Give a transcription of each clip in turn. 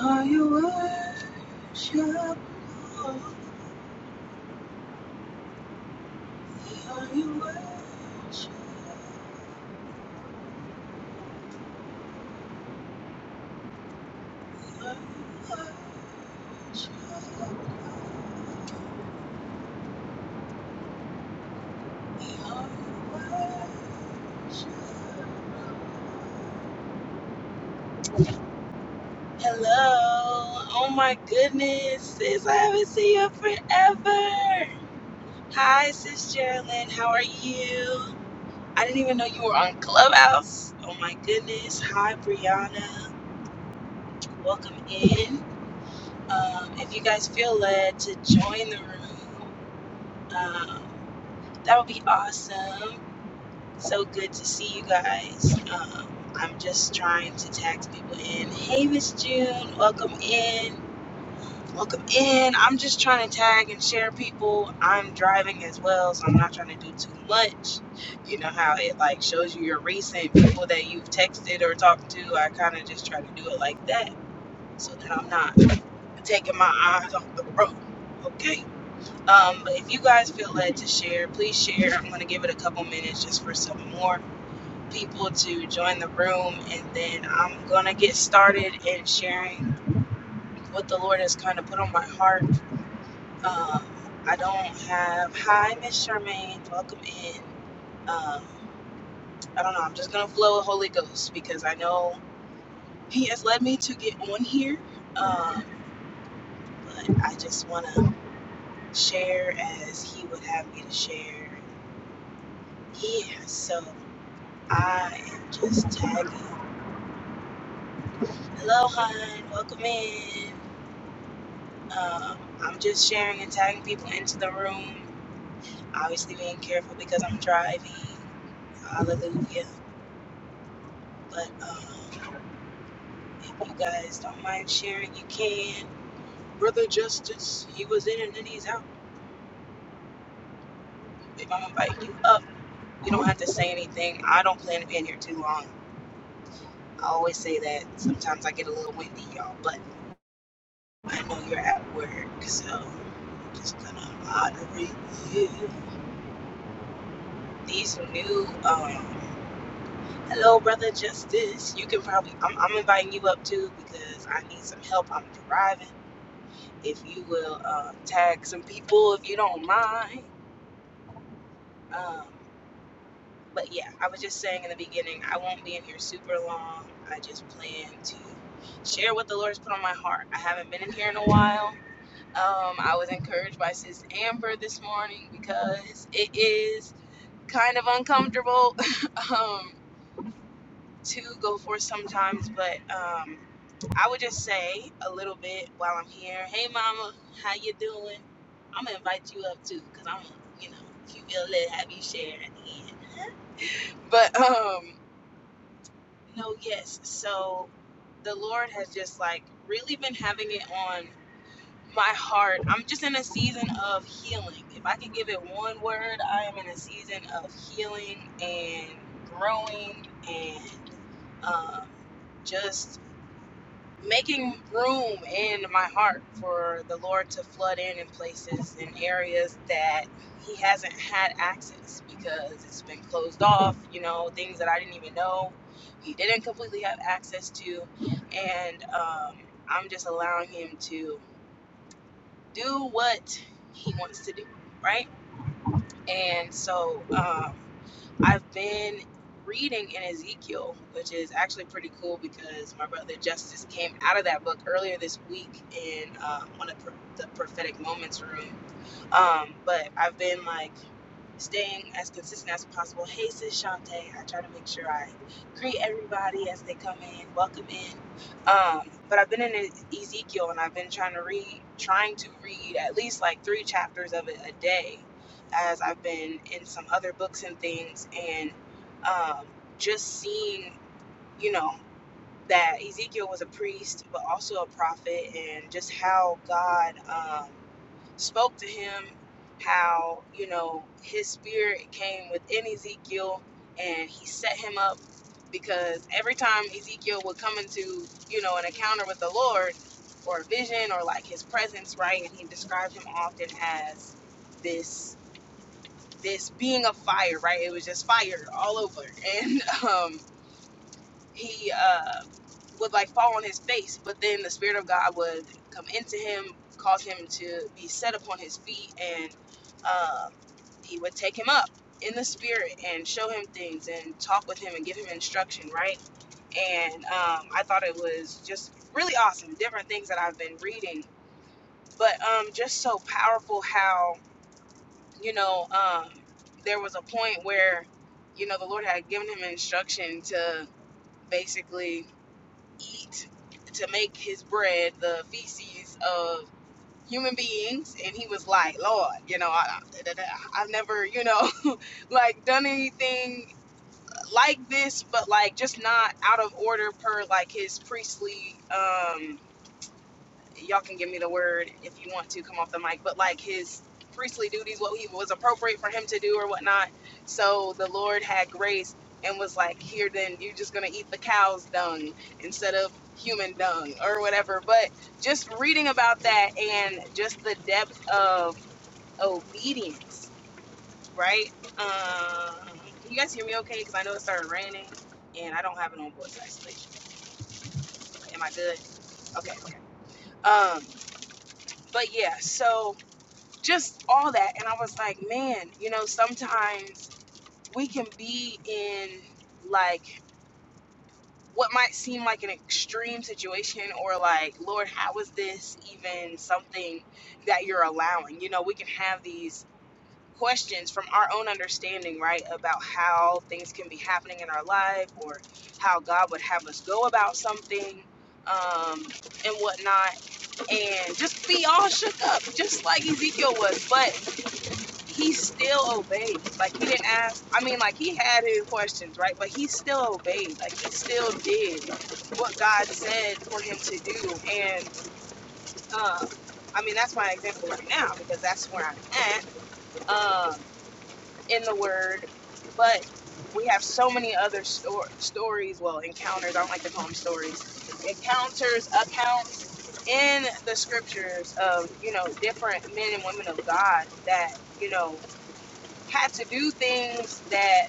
Are you worshipful? Are you worshipful? Hello. Oh my goodness, sis. I haven't seen you forever. Hi, sis Geraldine. How are you? I didn't even know you were on Clubhouse. Oh my goodness. Hi, Brianna. Welcome in. Um, if you guys feel led to join the room, um, that would be awesome. So good to see you guys. Um, I'm just trying to tag people in. Hey, Miss June, welcome in. Welcome in. I'm just trying to tag and share people. I'm driving as well, so I'm not trying to do too much. You know how it like shows you your recent people that you've texted or talked to. I kind of just try to do it like that so that I'm not taking my eyes off the road. Okay. Um, but if you guys feel led to share, please share. I'm gonna give it a couple minutes just for some more people to join the room, and then I'm gonna get started in sharing what the Lord has kind of put on my heart. Um, I don't have. Hi, Miss Charmaine. Welcome in. Um, I don't know. I'm just gonna flow with Holy Ghost because I know He has led me to get on here. Um, but I just wanna share as He would have me to share. Yeah. So I am just tagging. Hello, hon. Welcome in. Um, I'm just sharing and tagging people into the room. Obviously, being careful because I'm driving. Hallelujah. But um, if you guys don't mind sharing, you can. Brother Justice, he was in and then he's out. If I'm inviting you up, you don't have to say anything. I don't plan to be in here too long. I always say that. Sometimes I get a little windy, y'all, but I know you're at work, so I'm just gonna moderate you. These new um, Hello, brother Justice. You can probably I'm, I'm inviting you up too because I need some help. I'm driving. If you will uh, tag some people, if you don't mind. Um, but yeah, I was just saying in the beginning, I won't be in here super long. I just plan to share what the Lord's put on my heart. I haven't been in here in a while. Um, I was encouraged by Sis Amber this morning because it is kind of uncomfortable um, to go for sometimes, but. Um, I would just say a little bit while I'm here. Hey, mama, how you doing? I'm gonna invite you up too, cause I'm, you know, if you feel it, have you share at the end. But um, no, yes. So the Lord has just like really been having it on my heart. I'm just in a season of healing. If I can give it one word, I am in a season of healing and growing and um, just making room in my heart for the Lord to flood in in places and areas that He hasn't had access because it's been closed off, you know, things that I didn't even know He didn't completely have access to. And um, I'm just allowing Him to do what He wants to do, right? And so, um, I've been reading in Ezekiel, which is actually pretty cool because my brother Justice came out of that book earlier this week in um, one of the prophetic moments room. Um, but I've been like staying as consistent as possible. Hey, sis Shantae, I try to make sure I greet everybody as they come in, welcome in. Um, but I've been in E- Ezekiel and I've been trying to read, trying to read at least like three chapters of it a day, as I've been in some other books and things, and um, just seeing, you know that Ezekiel was a priest, but also a prophet, and just how God um, spoke to him, how, you know, his spirit came within Ezekiel and he set him up because every time Ezekiel would come into, you know, an encounter with the Lord or a vision or like his presence, right? And he described him often as this this being of fire, right? It was just fire all over. And um he uh, would like fall on his face, but then the spirit of God would come into him, cause him to be set upon his feet, and um, he would take him up in the spirit and show him things and talk with him and give him instruction, right? And um, I thought it was just really awesome, different things that I've been reading, but um, just so powerful how you know um, there was a point where you know the Lord had given him instruction to basically eat to make his bread the feces of human beings and he was like lord you know I, I, have never you know like done anything like this but like just not out of order per like his priestly um y'all can give me the word if you want to come off the mic, but like his priestly duties, what he was appropriate for him to do or whatnot. So the Lord had grace and was like, here, then you're just going to eat the cow's dung instead of human dung or whatever. But just reading about that and just the depth of obedience, right? Um, can you guys hear me okay? Because I know it started raining and I don't have it on voice actually. Am I good? Okay. okay. Um, but yeah, so just all that. And I was like, man, you know, sometimes we can be in like what might seem like an extreme situation or like, Lord, how is this even something that you're allowing? You know, we can have these questions from our own understanding, right, about how things can be happening in our life or how God would have us go about something. Um, and whatnot, and just be all shook up, just like Ezekiel was. But he still obeyed. Like he didn't ask. I mean, like he had his questions, right? But he still obeyed. Like he still did what God said for him to do. And uh, I mean, that's my example right now because that's where I'm at um, in the Word. But we have so many other stor- stories, well, encounters. I don't like to call them stories. Encounters, accounts in the scriptures of you know different men and women of God that you know had to do things that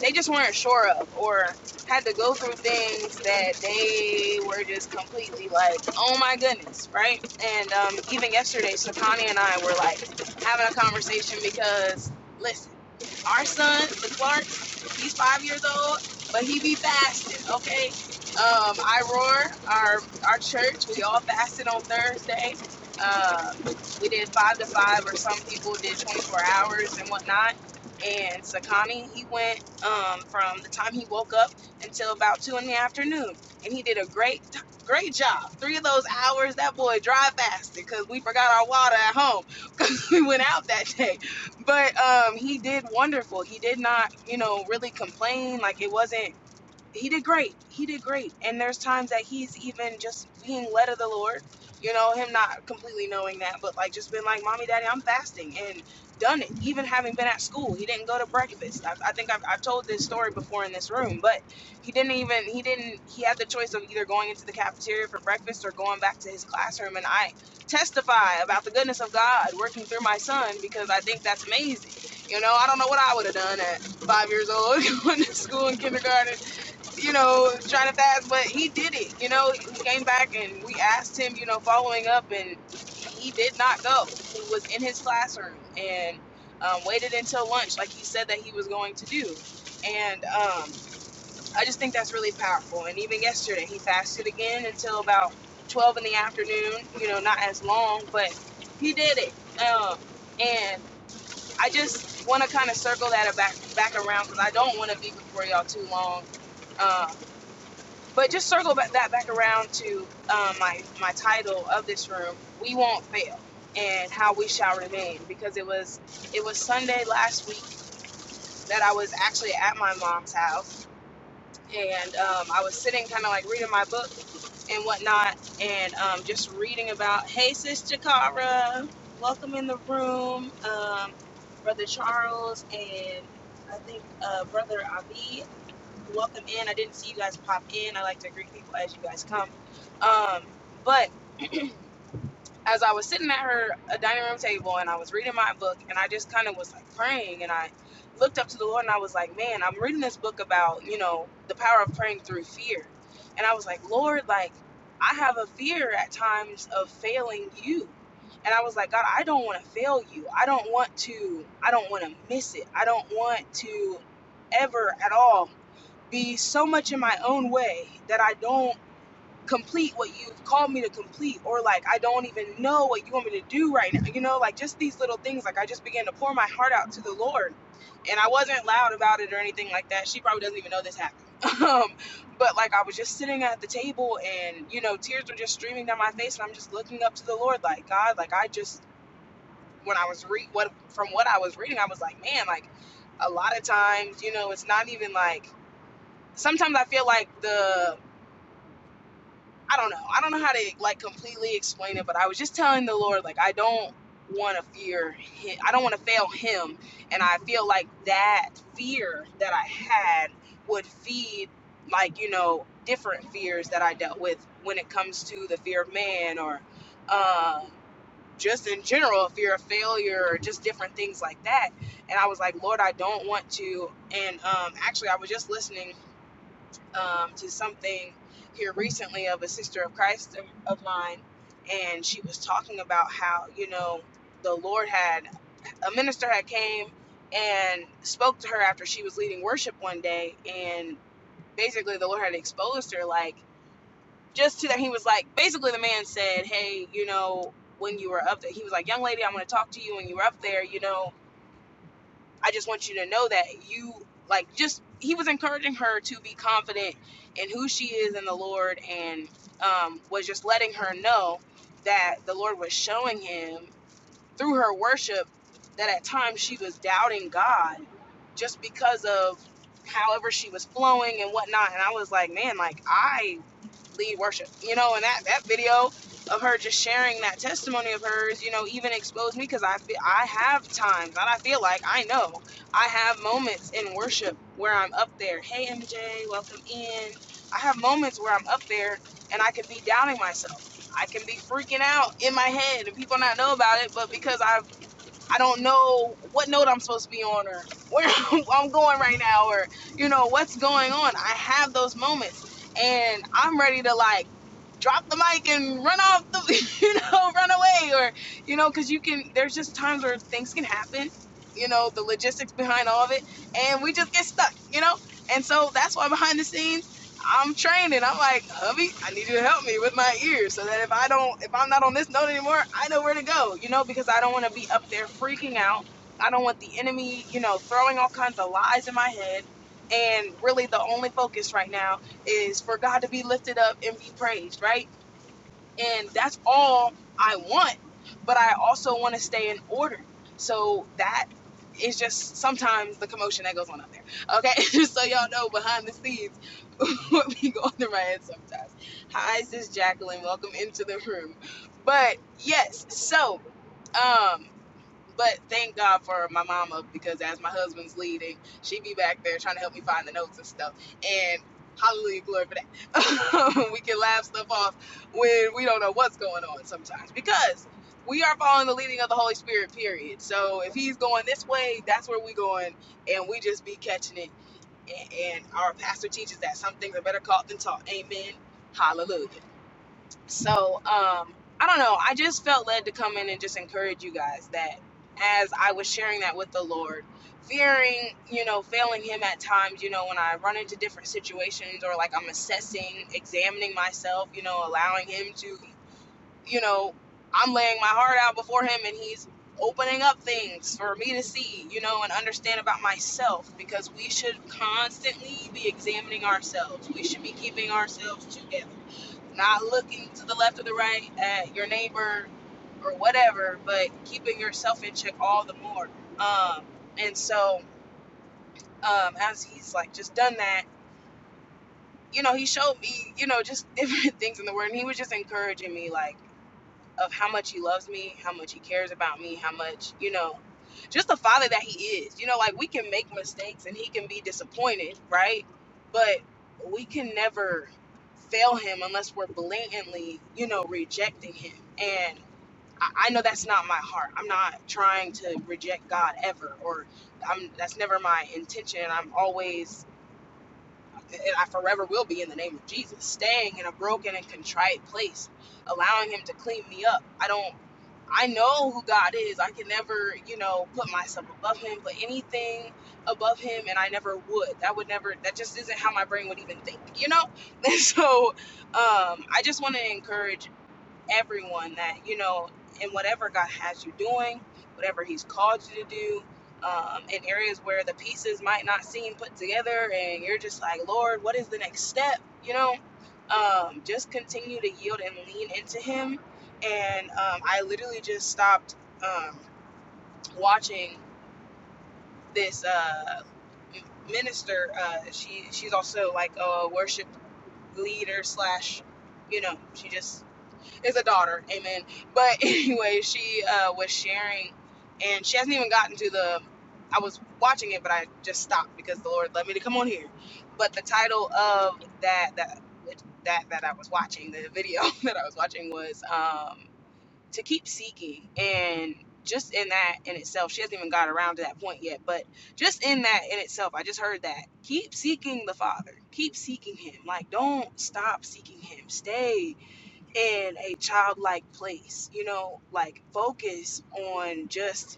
they just weren't sure of or had to go through things that they were just completely like oh my goodness right and um, even yesterday stefani and i were like having a conversation because listen our son, the Clark, he's five years old, but he be fasting, okay? Um, I roar, our our church, we all fasted on Thursday. Uh, we did five to five, or some people did 24 hours and whatnot. And Sakani, he went um, from the time he woke up until about two in the afternoon, and he did a great, great job. Three of those hours, that boy dry fasted because we forgot our water at home because we went out that day but um, he did wonderful. He did not, you know, really complain. Like it wasn't he did great. He did great. And there's times that he's even just being led of the Lord, you know, him not completely knowing that, but like just been like, Mommy, Daddy, I'm fasting and done it. Even having been at school, he didn't go to breakfast. I, I think I've, I've told this story before in this room, but he didn't even, he didn't, he had the choice of either going into the cafeteria for breakfast or going back to his classroom. And I testify about the goodness of God working through my son because I think that's amazing. You know, I don't know what I would have done at five years old going to school in kindergarten you know, trying to fast, but he did it. You know, he came back and we asked him, you know, following up, and he did not go. He was in his classroom and um, waited until lunch, like he said that he was going to do. And um, I just think that's really powerful. And even yesterday, he fasted again until about 12 in the afternoon, you know, not as long, but he did it. Um, and I just want to kind of circle that back back around because I don't want to be before y'all too long Um, but just circle back, that back around to um, my my title of this room. We won't fail, and how we shall remain. Because it was it was Sunday last week that I was actually at my mom's house, and um, I was sitting kind of like reading my book and whatnot, and um, just reading about. Hey, sis Jakara, welcome in the room, um, brother Charles, and I think uh, brother Abi welcome in. I didn't see you guys pop in. I like to greet people as you guys come. Um, but as I was sitting at her a dining room table and I was reading my book and I just kind of was like praying and I looked up to the Lord and I was like, man, I'm reading this book about you know the power of praying through fear, and I was like, Lord, like I have a fear at times of failing you. And I was like, God, I don't want to fail you. I don't want to I don't want to miss it. I don't want to ever at all be so much in my own way that I don't complete what you've called me to complete, or like I don't even know what you want me to do right now. You know, like just these little things. Like I just began to pour my heart out to the Lord, and I wasn't loud about it or anything like that. She probably doesn't even know this happened. Um, but like I was just sitting at the table, and you know, tears were just streaming down my face, and I'm just looking up to the Lord, like God, like I just when I was read what from what I was reading, I was like, man, like a lot of times, you know, it's not even like sometimes I feel like the I don't know. I don't know how to like completely explain it, but I was just telling the Lord like I don't want to fear him. I don't want to fail him, and I feel like that fear that I had would feed like, you know, different fears that I dealt with when it comes to the fear of man or um just in general, fear of failure, or just different things like that. And I was like, Lord, I don't want to. And um, actually, I was just listening um, to something here recently of a sister of Christ of of mine, and she was talking about how you know the Lord had a minister had came and spoke to her after she was leading worship one day, and basically the Lord had exposed her like just to that he was like basically the man said, hey, you know when you were up there, he was like, young lady, I'm going to talk to you when you were up there, you know. I just want you to know that you like just he was encouraging her to be confident in who she is in the Lord and um, was just letting her know that the Lord was showing him through her worship that at times she was doubting God just because of however she was flowing and whatnot. And I was like, man, like I lead worship, you know, and that, that video of her just sharing that testimony of hers, you know, even exposed me because I feel I have times that I feel like I know I have moments in worship where I'm up there. Hey, MJ, welcome in. I have moments where I'm up there and I could be doubting myself. I can be freaking out in my head and people not know about it, but because I I don't know what note I'm supposed to be on or where I'm going right now or you know what's going on. I have those moments and I'm ready to like drop the mic and run off the you know run away or you know cuz you can there's just times where things can happen, you know, the logistics behind all of it and we just get stuck, you know? And so that's why behind the scenes I'm training. I'm like, hubby, I need you to help me with my ears so that if I don't, if I'm not on this note anymore, I know where to go, you know, because I don't want to be up there freaking out. I don't want the enemy, you know, throwing all kinds of lies in my head. And really, the only focus right now is for God to be lifted up and be praised, right? and that's all I want. But I also want to stay in order. So that is just sometimes the commotion that goes on out there. Okay, just so y'all know behind the scenes what be going through my head sometimes. Hi, sis Jacqueline. Welcome into the room. But yes, so um but thank God for my mama because as my husband's leading, she be back there trying to help me find the notes and stuff. And hallelujah, glory for that. we can laugh stuff off when we don't know what's going on sometimes because we are following the leading of the Holy Spirit, period. So if he's going this way, that's where we going, and we just be catching it. And, and our pastor teaches that some things are better caught than taught. Amen. Hallelujah. So um, I don't know. I just felt led to come in and just encourage you guys that as I was sharing that with the Lord, fearing, you know, failing Him at times, you know, when I run into different situations or like I'm assessing, examining myself, you know, allowing Him to, you know, I'm laying my heart out before Him and He's opening up things for me to see, you know, and understand about myself because we should constantly be examining ourselves. We should be keeping ourselves together not looking to the left or the right at your neighbor or whatever, but keeping yourself in check all the more. Um, and so, um, as he's like just done that, you know, he showed me, you know, just different things in the word, and he was just encouraging me, like of how much he loves me, how much he cares about me, how much, you know, just the father that he is. You know, like we can make mistakes and he can be disappointed, right? But we can never fail him unless we're blatantly, you know, rejecting him. And I know that's not my heart. I'm not trying to reject God ever, or I'm, that's never my intention. I'm always, I forever will be in the name of Jesus, staying in a broken and contrite place, allowing Him to clean me up. I don't I know who God is. I can never, you know, put myself above him, put anything above him, and I never would. That would never, that just isn't how my brain would even think, you know? And so um, I just want to encourage everyone that you know in whatever god has you doing whatever he's called you to do um, in areas where the pieces might not seem put together and you're just like lord what is the next step you know um, just continue to yield and lean into him and um, i literally just stopped um, watching this uh, minister uh, she she's also like a worship leader slash you know she just is a daughter, amen. But anyway, she uh, was sharing, and she hasn't even gotten to the. I was watching it, but I just stopped because the Lord led me to come on here. But the title of that that that that I was watching, the video that I was watching was um, to keep seeking, and just in that in itself, she hasn't even got around to that point yet. But just in that in itself, I just heard that keep seeking the Father, keep seeking Him. Like don't stop seeking Him, stay in a childlike place, you know, like focus on just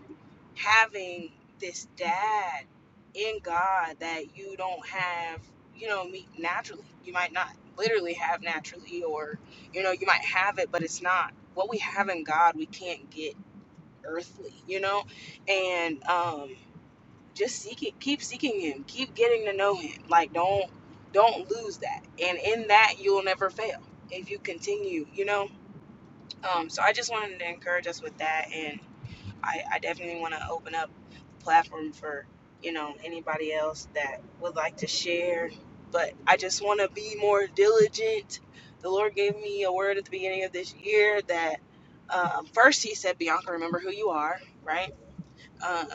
having this dad in God that you don't have, you know, meet naturally. You might not literally have naturally, or, you know, you might have it, but it's not what we have in God, we can't get earthly, you know, and, um, just seek it, keep seeking him, keep getting to know him. Like, don't, don't lose that. And in that, you'll never fail if you continue, you know, um, so I just wanted to encourage us with that, and I, I definitely want to open up the platform for you know anybody else that would like to share. But I just want to be more diligent. The Lord gave me a word at the beginning of this year that um, first He said, "Bianca, remember who you are." Right um,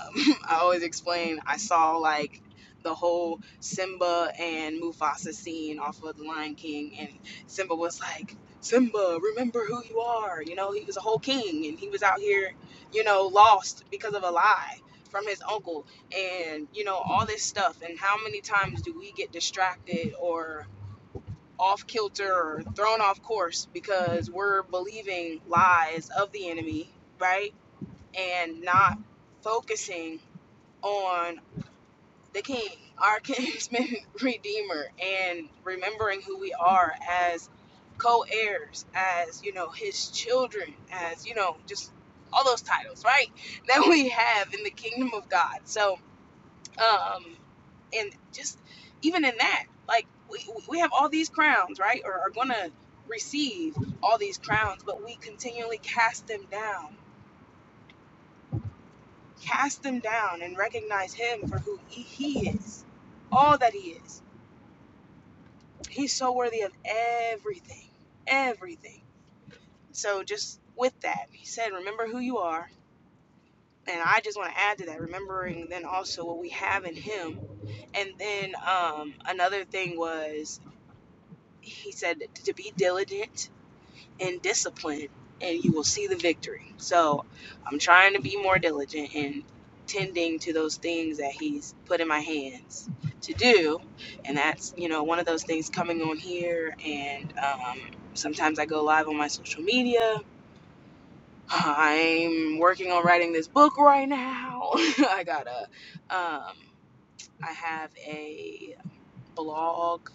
I always explain I saw like the whole Simba and Mufasa scene off of The Lion King, and Simba was like, Simba, remember who you are. You know, he was a whole king and he was out here, you know, lost because of a lie from his uncle and, you know, all this stuff. And how many times do we get distracted or off kilter or thrown off course because we're believing lies of the enemy, right? And not focusing on the King, our kinsman redeemer, and remembering who we are as co-heirs, as you know, his children, as you know, just all those titles, right? That we have in the kingdom of God. So, um, and just even in that, like we we have all these crowns, right? Or are gonna receive all these crowns, but we continually cast them down. Cast them down and recognize him for who he he is, all that he is He's so worthy of everything, everything. So just with that, he said, remember who you are. And I just want to add to that, remembering then also what we have in him. And then um, another thing was, he said to be diligent and discipline and you will see the victory. So I'm trying to be more diligent in tending to those things that he's put in my hands to do. And that's, you know, one of those things coming on here. And um, sometimes I go live on my social media. I'm working on writing this book right now. I got to um, I have a blog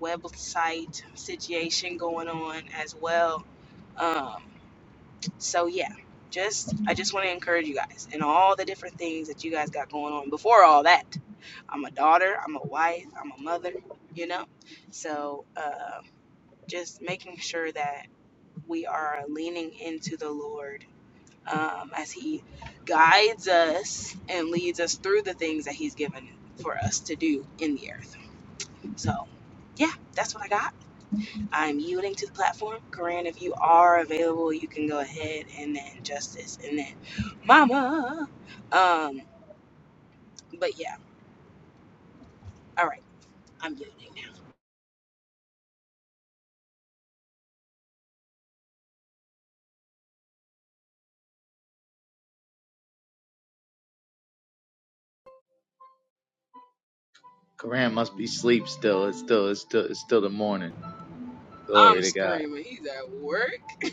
website situation going on as well. Um, so yeah, just I just want to encourage you guys and all the different things that you guys got going on. Before all that, I'm a daughter, I'm a wife, I'm a mother, you know. So uh, just making sure that we are leaning into the Lord um, as He guides us and leads us through the things that He's given for us to do in the earth. So yeah, that's what I got. I'm yielding to the platform. Corinne, if you are available, you can go ahead and then Justice and then Mama. Um, but yeah, all right, I'm yielding now. Quran must be asleep still. It's still it's still it's still the morning. Glory I'm to God. screaming. He's at work.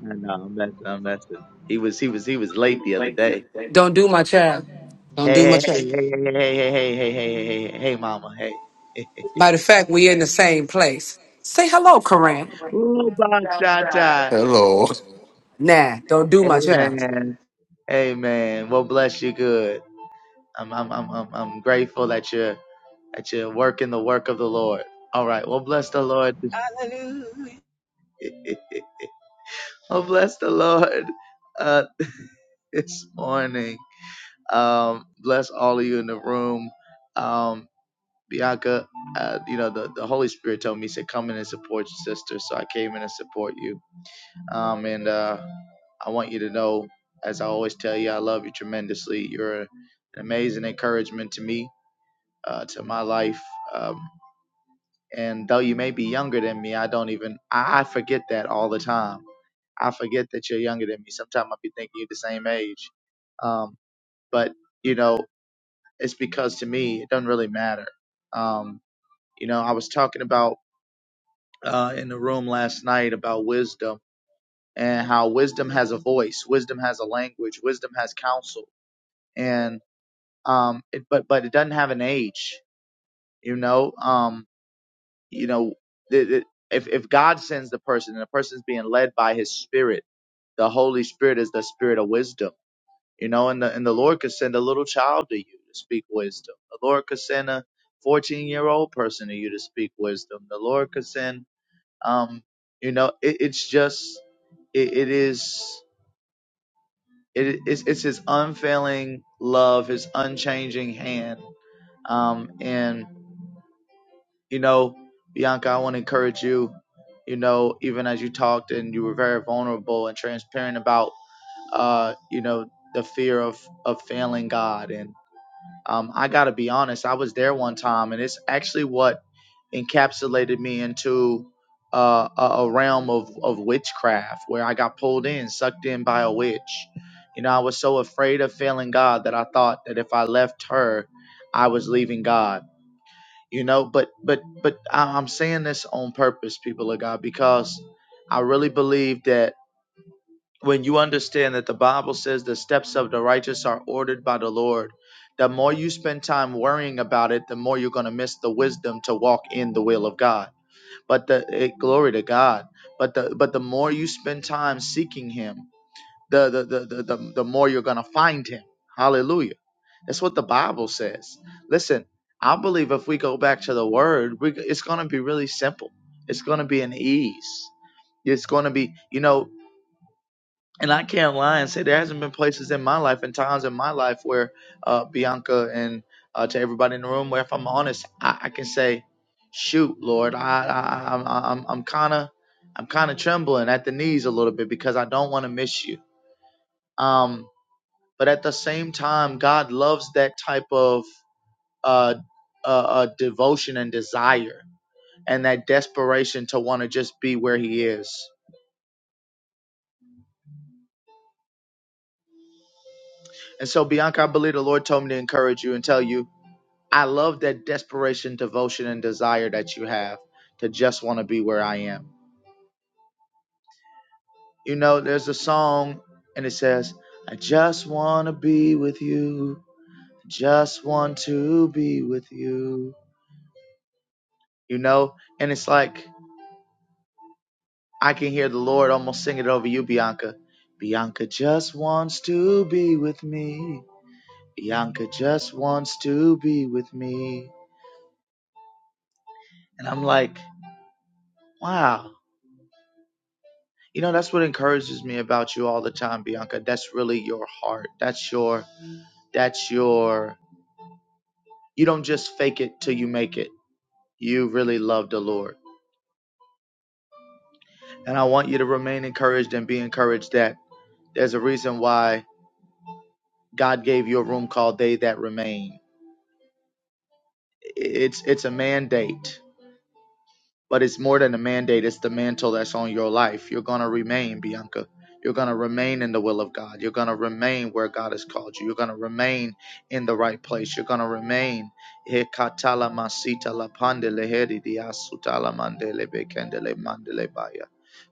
No, know I'm messing. I'm messing. He was he was he was late the other day. Don't do my child. Don't Hey do my hey hey child. hey hey hey hey hey hey hey hey hey hey, hey, mama hey. Matter of fact, we in the same place. Say hello, Koran. Ooh, Bachata. Hello. Nah, don't do my child. Amen. Amen. Well, bless you good. I'm I'm I'm I'm, I'm grateful that you're that you're working the work of the Lord. All right. Well, bless the Lord. Hallelujah. well, bless the Lord uh, this morning. Um, bless all of you in the room. Um, Bianca, uh, you know, the, the Holy Spirit told me, he said, come in and support your sister. So I came in and support you. Um, and uh, I want you to know, as I always tell you, I love you tremendously. You're an amazing encouragement to me, uh, to my life. Um, and though you may be younger than me, I don't even, I, I forget that all the time. I forget that you're younger than me. Sometimes i be thinking you're the same age. Um, but, you know, it's because to me it doesn't really matter. Um, you know, I was talking about uh, in the room last night about wisdom and how wisdom has a voice, wisdom has a language, wisdom has counsel, and um, it, but but it doesn't have an age. You know, um, you know, the the if if God sends the person and the person's being led by His Spirit, the Holy Spirit is the Spirit of wisdom You know, and the and the Lord could send a little child to you to speak wisdom. The Lord could send a fourteen year old person to you to speak wisdom. The Lord could send um you know, it, it's just it, it is it is it's his unfailing love, his unchanging hand. Um and you know, Bianca, I want to encourage you, you know, even as you talked and you were very vulnerable and transparent about uh, you know, the fear of of failing God and. Um, I got to be honest, I was there one time, and it's actually what encapsulated me into uh, a, a realm of, of witchcraft where I got pulled in, sucked in by a witch. You know, I was so afraid of failing God that I thought that if I left her, I was leaving God. You know, but but but I- I'm saying this on purpose, people of God, because I really believe that when you understand that the Bible says the steps of the righteous are ordered by the Lord, the more you spend time worrying about it, the more you're going to miss the wisdom to walk in the will of God. But the it, glory to God. But the but the more you spend time seeking Him, the the the the, the, the more you're going to find Him. Hallelujah. That's what the Bible says. Listen, I believe if we go back to the Word, we, it's going to be really simple. It's going to be an ease it's going to be you know and I can't lie and say there hasn't been places in my life and times in my life where uh, Bianca and uh, to everybody in the room, where if I'm honest, I, I can say, "Shoot, Lord, I, I I'm I'm I'm kind of I'm kind of trembling at the knees a little bit because I don't want to miss you." Um, but at the same time, God loves that type of uh, uh, uh devotion and desire and that desperation to want to just be where He is. And so, Bianca, I believe the Lord told me to encourage you and tell you I love that desperation, devotion, and desire that you have to just want to be where I am. You know, there's a song and it says, I just want to be with you. Just want to be with you. You know, and it's like I can hear the Lord almost sing it over you, Bianca. Bianca just wants to be with me. Bianca just wants to be with me. And I'm like, wow. You know, that's what encourages me about you all the time, Bianca. That's really your heart. That's your, that's your, you don't just fake it till you make it. You really love the Lord. And I want you to remain encouraged and be encouraged that there's a reason why God gave you a room called They That Remain. It's, it's a mandate But it's more than a mandate, it's the mantle that's on your life. You're going to remain, Bianca. You're going to remain in the will of God. You're going to remain where God has called you. You're going to remain in the right place. You're going to remain. He masita la pande leheri dia mandele bekendele mandele baya.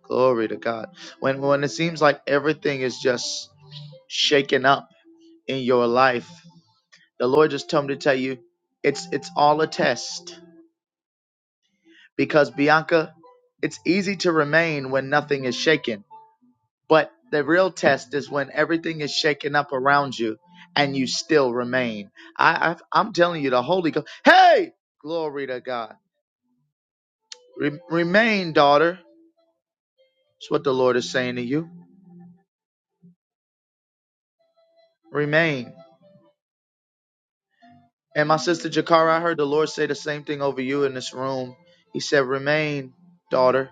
Glory to God. When, when it seems like everything is just shaken up in your life, the Lord just told me to tell you it's, it's all a test because Bianca, it's easy to remain when nothing is shaken. But the real test is when everything is shaken up around you and you still remain. I, I I'm telling you, the Holy Ghost. Hey, glory to God. Re- remain, daughter. That's what the Lord is saying to you. Remain. And my sister Jakara, I heard the Lord say the same thing over you in this room. He said, "Remain, daughter.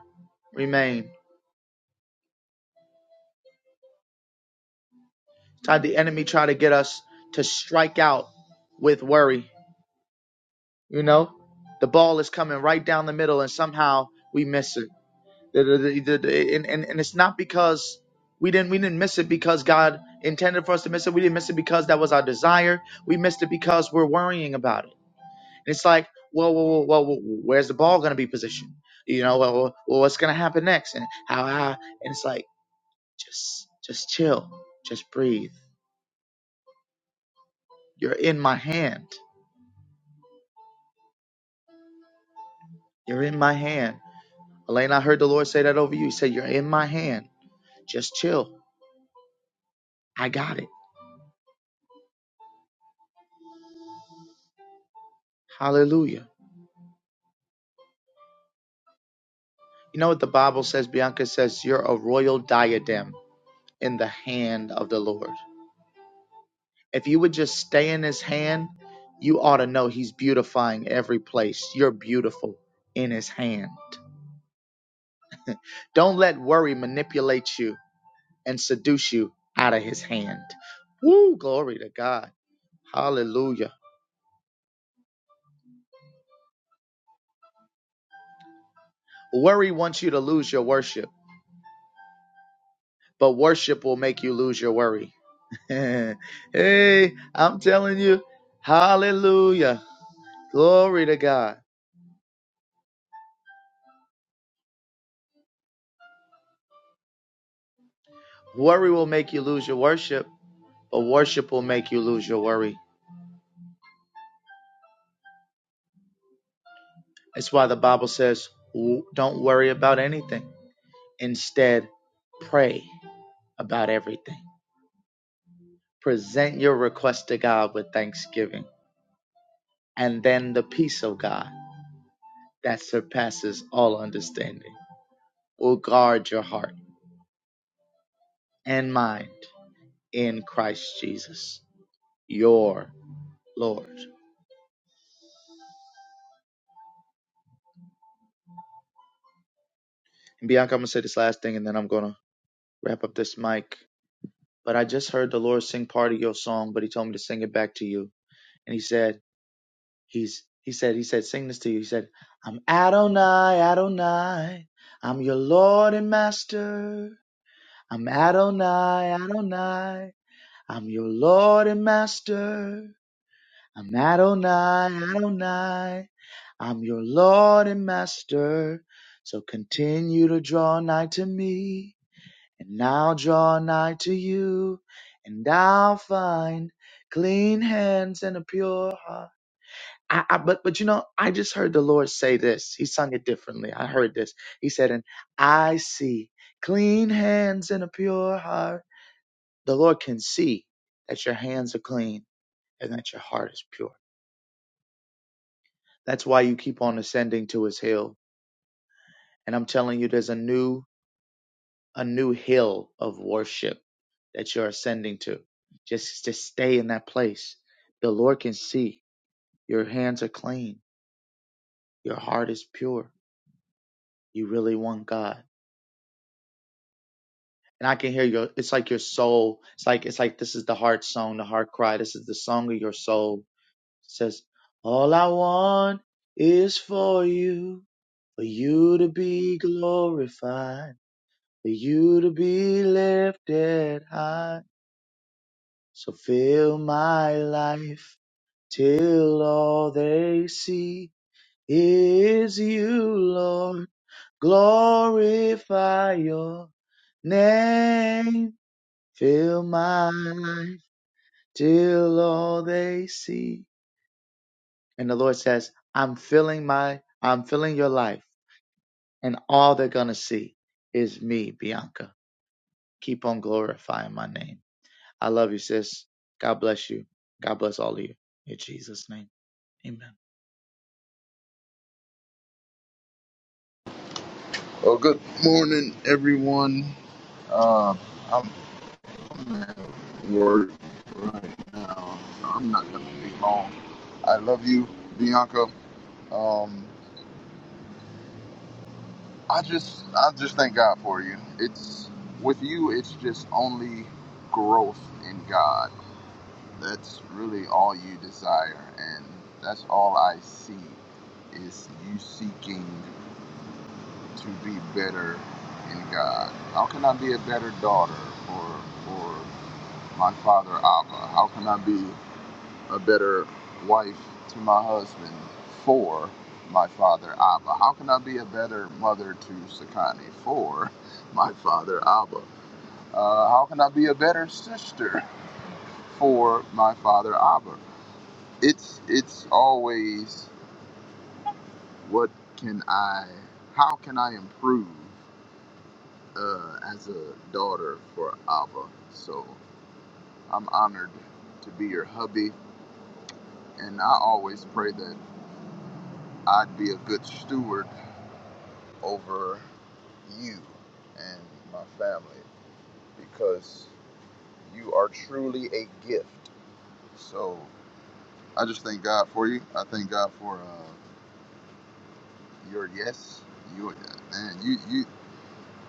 Remain." Tried the enemy try to get us to strike out with worry You know, the ball is coming right down the middle, and somehow we miss it. And, and, and it's not because we didn't we didn't miss it because God intended for us to miss it. We didn't miss it because that was our desire. We missed it because we're worrying about it. And it's like, well, well, well, well well, where's the ball going to be positioned? You know, well, well, well, what's going to happen next? And how? how and it's like, just just chill, just breathe. You're in my hand. You're in my hand. Elaine, I heard the Lord say that over you. He said, You're in my hand. Just chill. I got it. Hallelujah. You know what the Bible says? Bianca says, You're a royal diadem in the hand of the Lord. If you would just stay in his hand, you ought to know he's beautifying every place. You're beautiful in his hand. Don't let worry manipulate you and seduce you out of his hand. Woo, glory to God. Hallelujah. Worry wants you to lose your worship, but worship will make you lose your worry. hey, I'm telling you, hallelujah. Glory to God. Worry will make you lose your worship, but worship will make you lose your worry. That's why the Bible says, "W- don't worry about anything. Instead, pray about everything. Present your request to God with thanksgiving, and then the peace of God that surpasses all understanding will guard your heart and mind in Christ Jesus, your Lord. And Bianca, I'm gonna say this last thing, and then I'm gonna wrap up this mic. But I just heard the Lord sing part of your song, but He told me to sing it back to you. And He said, He's He said He said sing this to you. He said, I'm Adonai, Adonai, I'm your Lord and Master. I'm Adonai, Adonai, I'm your Lord and Master. I'm Adonai, Adonai, I'm your Lord and Master. So continue to draw nigh to me. And now draw nigh to you, and I'll find clean hands and a pure heart. I, I, but but you know, I just heard the Lord say this. He sung it differently. I heard this. He said, "And I see clean hands and a pure heart." The Lord can see that your hands are clean and that your heart is pure. That's why you keep on ascending to His hill. And I'm telling you, there's a new a new hill of worship that you're ascending to. Just to stay in that place. The Lord can see your hands are clean, your heart is pure. You really want God. And I can hear your it's like your soul. It's like it's like this is the heart song, the heart cry. This is the song of your soul. It says, All I want is for you, for you to be glorified, for you to be lifted high. So fill my life till all they see is you, Lord. Glorify your name. Fill my life till all they see. And the Lord says, I'm filling my, I'm filling your life and all they're going to see is me, Bianca. Keep on glorifying my name. I love you, sis. God bless you. God bless all of you. In Jesus' name. Amen. Well, good morning, everyone. Uh, I'm at work right now, so I'm not gonna be long. I love you, Bianca. Um, I just, I just thank God for you. It's with you. It's just only growth in God. That's really all you desire, and that's all I see is you seeking to be better in God. How can I be a better daughter or or my father Abba? How can I be a better wife to my husband for my father Abba? How can I be a better mother to Sakani for my father Abba? Uh, how can I be a better sister for my father Abba? It's it's always what can I? How can I improve uh, as a daughter for Abba? So I'm honored to be your hubby and I always pray that I'd be a good steward over you and my family because you are truly a gift. So I just thank God for you. I thank God for uh, your yes. Your man, you you.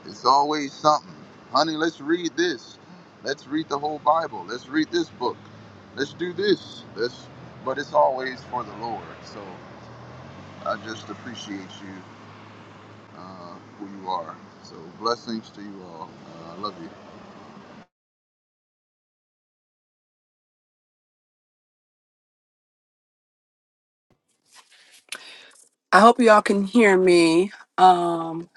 It's always something, honey. Let's read this. Let's read the whole Bible. Let's read this book. Let's do this. Let's. But it's always for the Lord. So I just appreciate you uh, who you are. So blessings to you all. Uh, I love you. I hope y'all can hear me. Um,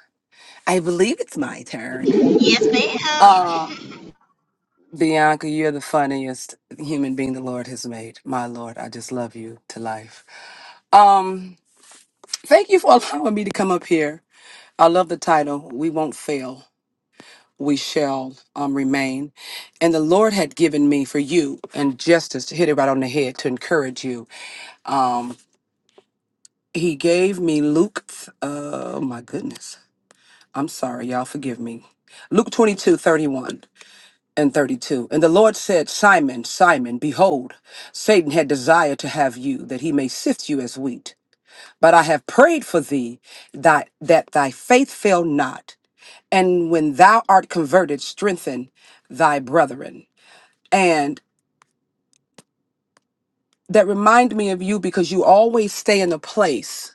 I believe it's my turn. Yes, ma'am. Uh Bianca, you're the funniest human being the Lord has made. My Lord, I just love you to life. Um, thank you for allowing me to come up here. I love the title. We won't fail. we shall um, remain. And the Lord had given me for you, and justice to hit it right on the head to encourage you. Um, he gave me Luke, th- oh my goodness. I'm sorry, y'all, forgive me. Luke 22:31 and 32. And the Lord said, Simon, Simon, behold, Satan had desired to have you, that he may sift you as wheat. But I have prayed for thee that, that thy faith fail not. And when thou art converted, strengthen thy brethren. and that remind me of you because you always stay in a place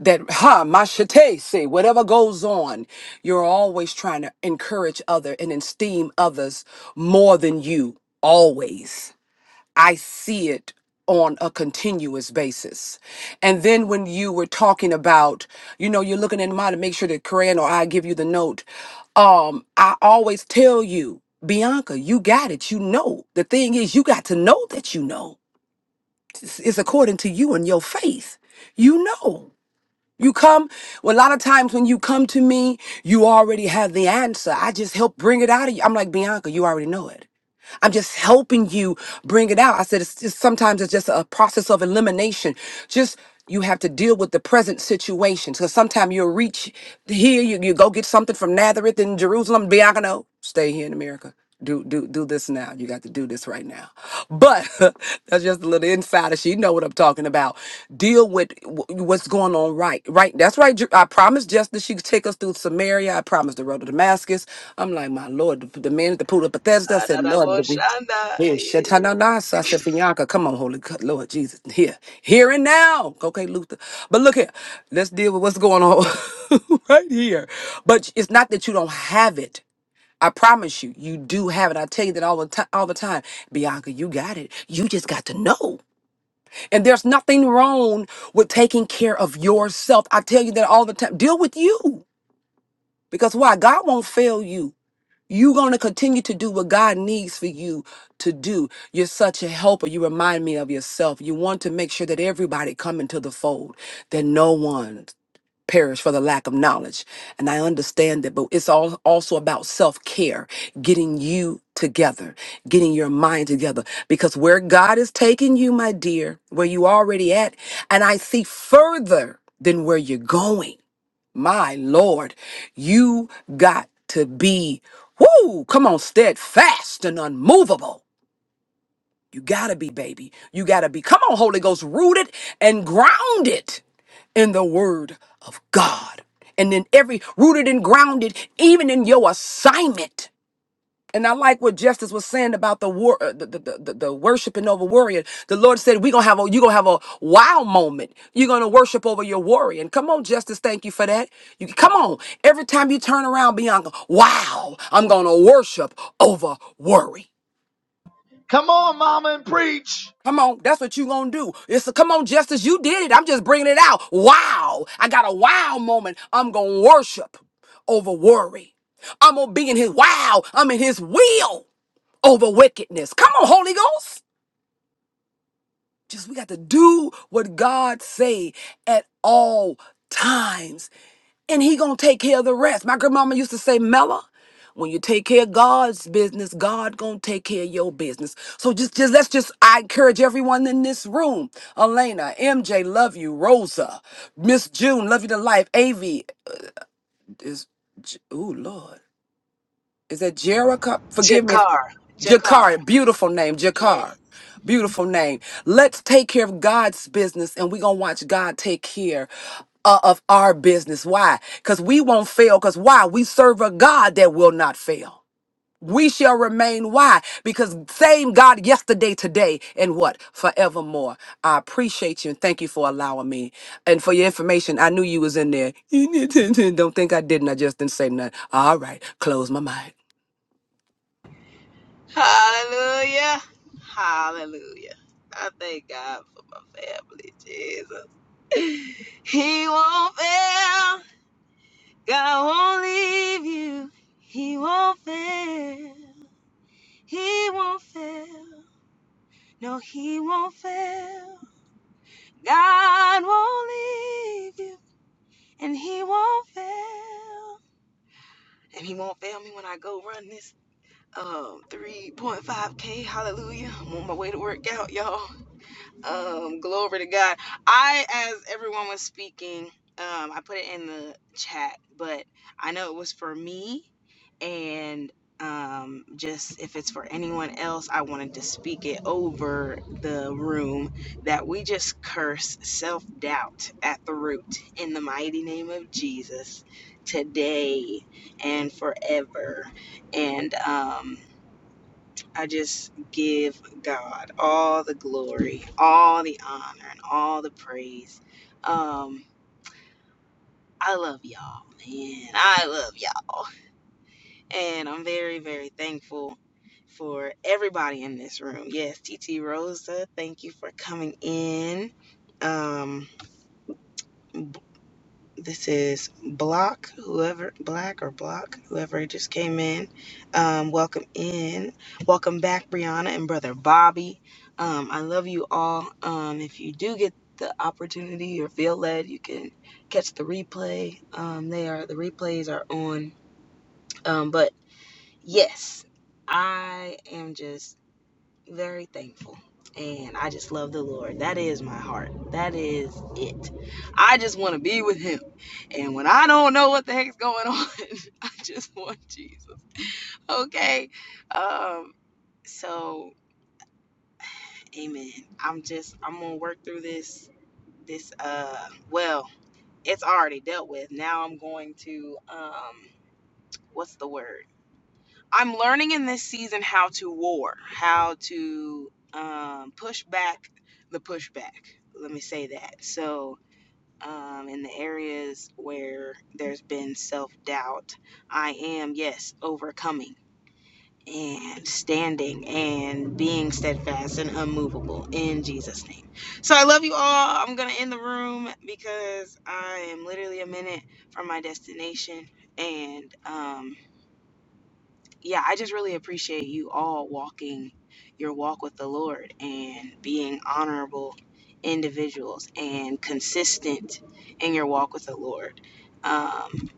that ha machete say whatever goes on you're always trying to encourage other and esteem others more than you always i see it on a continuous basis and then when you were talking about you know you're looking at mine to make sure that Corinne or i give you the note um i always tell you bianca you got it you know the thing is you got to know that you know It's according to you and your faith. You know. You come, well, a lot of times when you come to me, you already have the answer. I just help bring it out of you. I'm like, Bianca, you already know it. I'm just helping you bring it out. I said, it's just, sometimes it's just a process of elimination. Just you have to deal with the present situation. Because sometimes you'll reach here, you, you go get something from Nazareth in Jerusalem, Bianca, no, stay here in America. Do do do this now. God, you got to do this right now. But that's just a little insider. She know what I'm talking about. Deal with wh- what's going on right. Right. That's right. Ju- I promised just that she could take us through Samaria. I promised the road to Damascus. I'm like, my Lord, the, the man at the pool of Bethesda I said, Lord, to be. Adaraboshanda. Yeah, shatanana. So I said, Bianca, come on, Holy God, Lord Jesus, here, here and now. Okay, Luther. But look here, let's deal with what's going on right here. But it's not that you don't have it. I promise you, you do have it. I tell you that all the time, all the time. Bianca, you got it. You just got to know. And there's nothing wrong with taking care of yourself. I tell you that all the time. Deal with you. Because why? God won't fail you. You're going to continue to do what God needs for you to do. You're such a helper. You remind me of yourself. You want to make sure that everybody come into the fold, that no one perish for the lack of knowledge. And I understand that, but it's all also about self care, getting you together, getting your mind together. Because where God is taking you, my dear, where you already at, and I see further than where you're going. My Lord, you got to be, whoo, come on, steadfast and unmovable you gotta be, baby. You gotta be. Come on, Holy Ghost, rooted and grounded in the word of God. And then every rooted and grounded, even in your assignment. And I like what Justice was saying about the war, uh, the, the, the, the the worshiping over warrior. The Lord said, "We gonna have a, you gonna have a wow moment. You're gonna worship over your warrior." And come on, Justice, thank you for that. You come on. Every time you turn around, Bianca, wow, I'm gonna worship over worry. Come on, mama, and preach. Come on, that's what you gonna do. It's a, come on, Justice, you did it. I'm just bringing it out. Wow, I got a wow moment. I'm gonna worship over worry. I'm gonna be in His wow. I'm in His will over wickedness. Come on, Holy Ghost. Just we got to do what God say at all times and he gonna take care of the rest. My grandmama used to say, Mella, when you take care of God's business, God gonna take care of your business. So just, just let's just I encourage everyone in this room. Elena, MJ, love you. Rosa, Miss June, love you to life. Av is J- ooh Lord. Is that Jerica? Forgive me. Jakar. Jakar. Jakar, beautiful name, Yeah. Jakar. Beautiful name. Let's take care of God's business and we're going to watch God take care uh, of our business. Why? Because we won't fail. Because why? We serve a God that will not fail. We shall remain. Why? Because same God yesterday, today, and what? Forevermore. I appreciate you and thank you for allowing me. And for your information, I knew you was in there. Don't think I didn't. I just didn't say nothing. All right. Close my mind. Hallelujah. Hallelujah. I thank God for my family, Jesus. He won't fail. God won't leave you. He won't fail. He won't fail. No, he won't fail. God won't leave you. And he won't fail. And he won't fail me when I go run this um 3.5k. Hallelujah. I'm on my way to work out, y'all. Um, glory to God. I, as everyone was speaking, um, I put it in the chat, but I know it was for me, and um, just if it's for anyone else, I wanted to speak it over the room that we just curse self doubt at the root in the mighty name of Jesus today and forever. And um, I just give God all the glory, all the honor, and all the praise. Um, I love y'all, man. I love y'all. And I'm very, very thankful for everybody in this room. Yes, TT Rosa, thank you for coming in. Um, This is Block, whoever, Black or Block, whoever just came in. Um, welcome in. Welcome back, Brianna and Brother Bobby. Um, I love you all. Um, if you do get the opportunity or feel led, you can catch the replay. Um, they are, the replays are on. Um, but yes, I am just very thankful. And I just love the Lord. That is my heart. That is it. I just want to be with Him. And when I don't know what the heck's going on, I just want Jesus. Okay. Um, so amen. I'm just I'm gonna work through this this uh well, it's already dealt with. Now I'm going to um what's the word? I'm learning in this season how to war, how to um, push back the pushback. Let me say that. So, um, in the areas where there's been self doubt, I am, yes, overcoming and standing and being steadfast and unmovable in Jesus' name. So, I love you all. I'm going to end the room because I am literally a minute from my destination. And, um, yeah, I just really appreciate you all walking your walk with the Lord and being honorable individuals and consistent in your walk with the Lord. Um,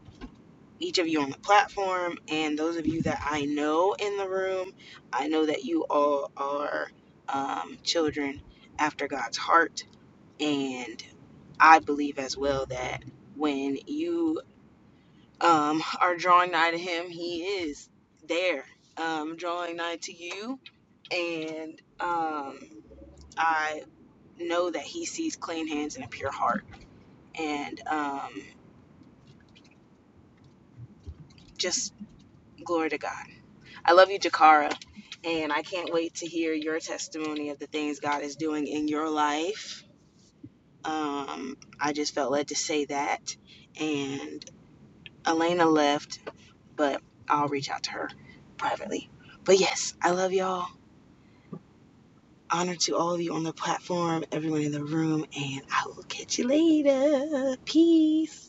each of you on the platform and those of you that I know in the room, I know that you all are um, children after God's heart. And I believe as well that when you um, are drawing nigh to him, he is there, um, drawing nigh to you. And um, I know that he sees clean hands and a pure heart. And um, just glory to God. I love you, Jakara. And I can't wait to hear your testimony of the things God is doing in your life. Um, I just felt led to say that. And Elena left, but I'll reach out to her privately. But yes, I love y'all Honor to all of you on the platform, everyone in the room, and I will catch you later. Peace.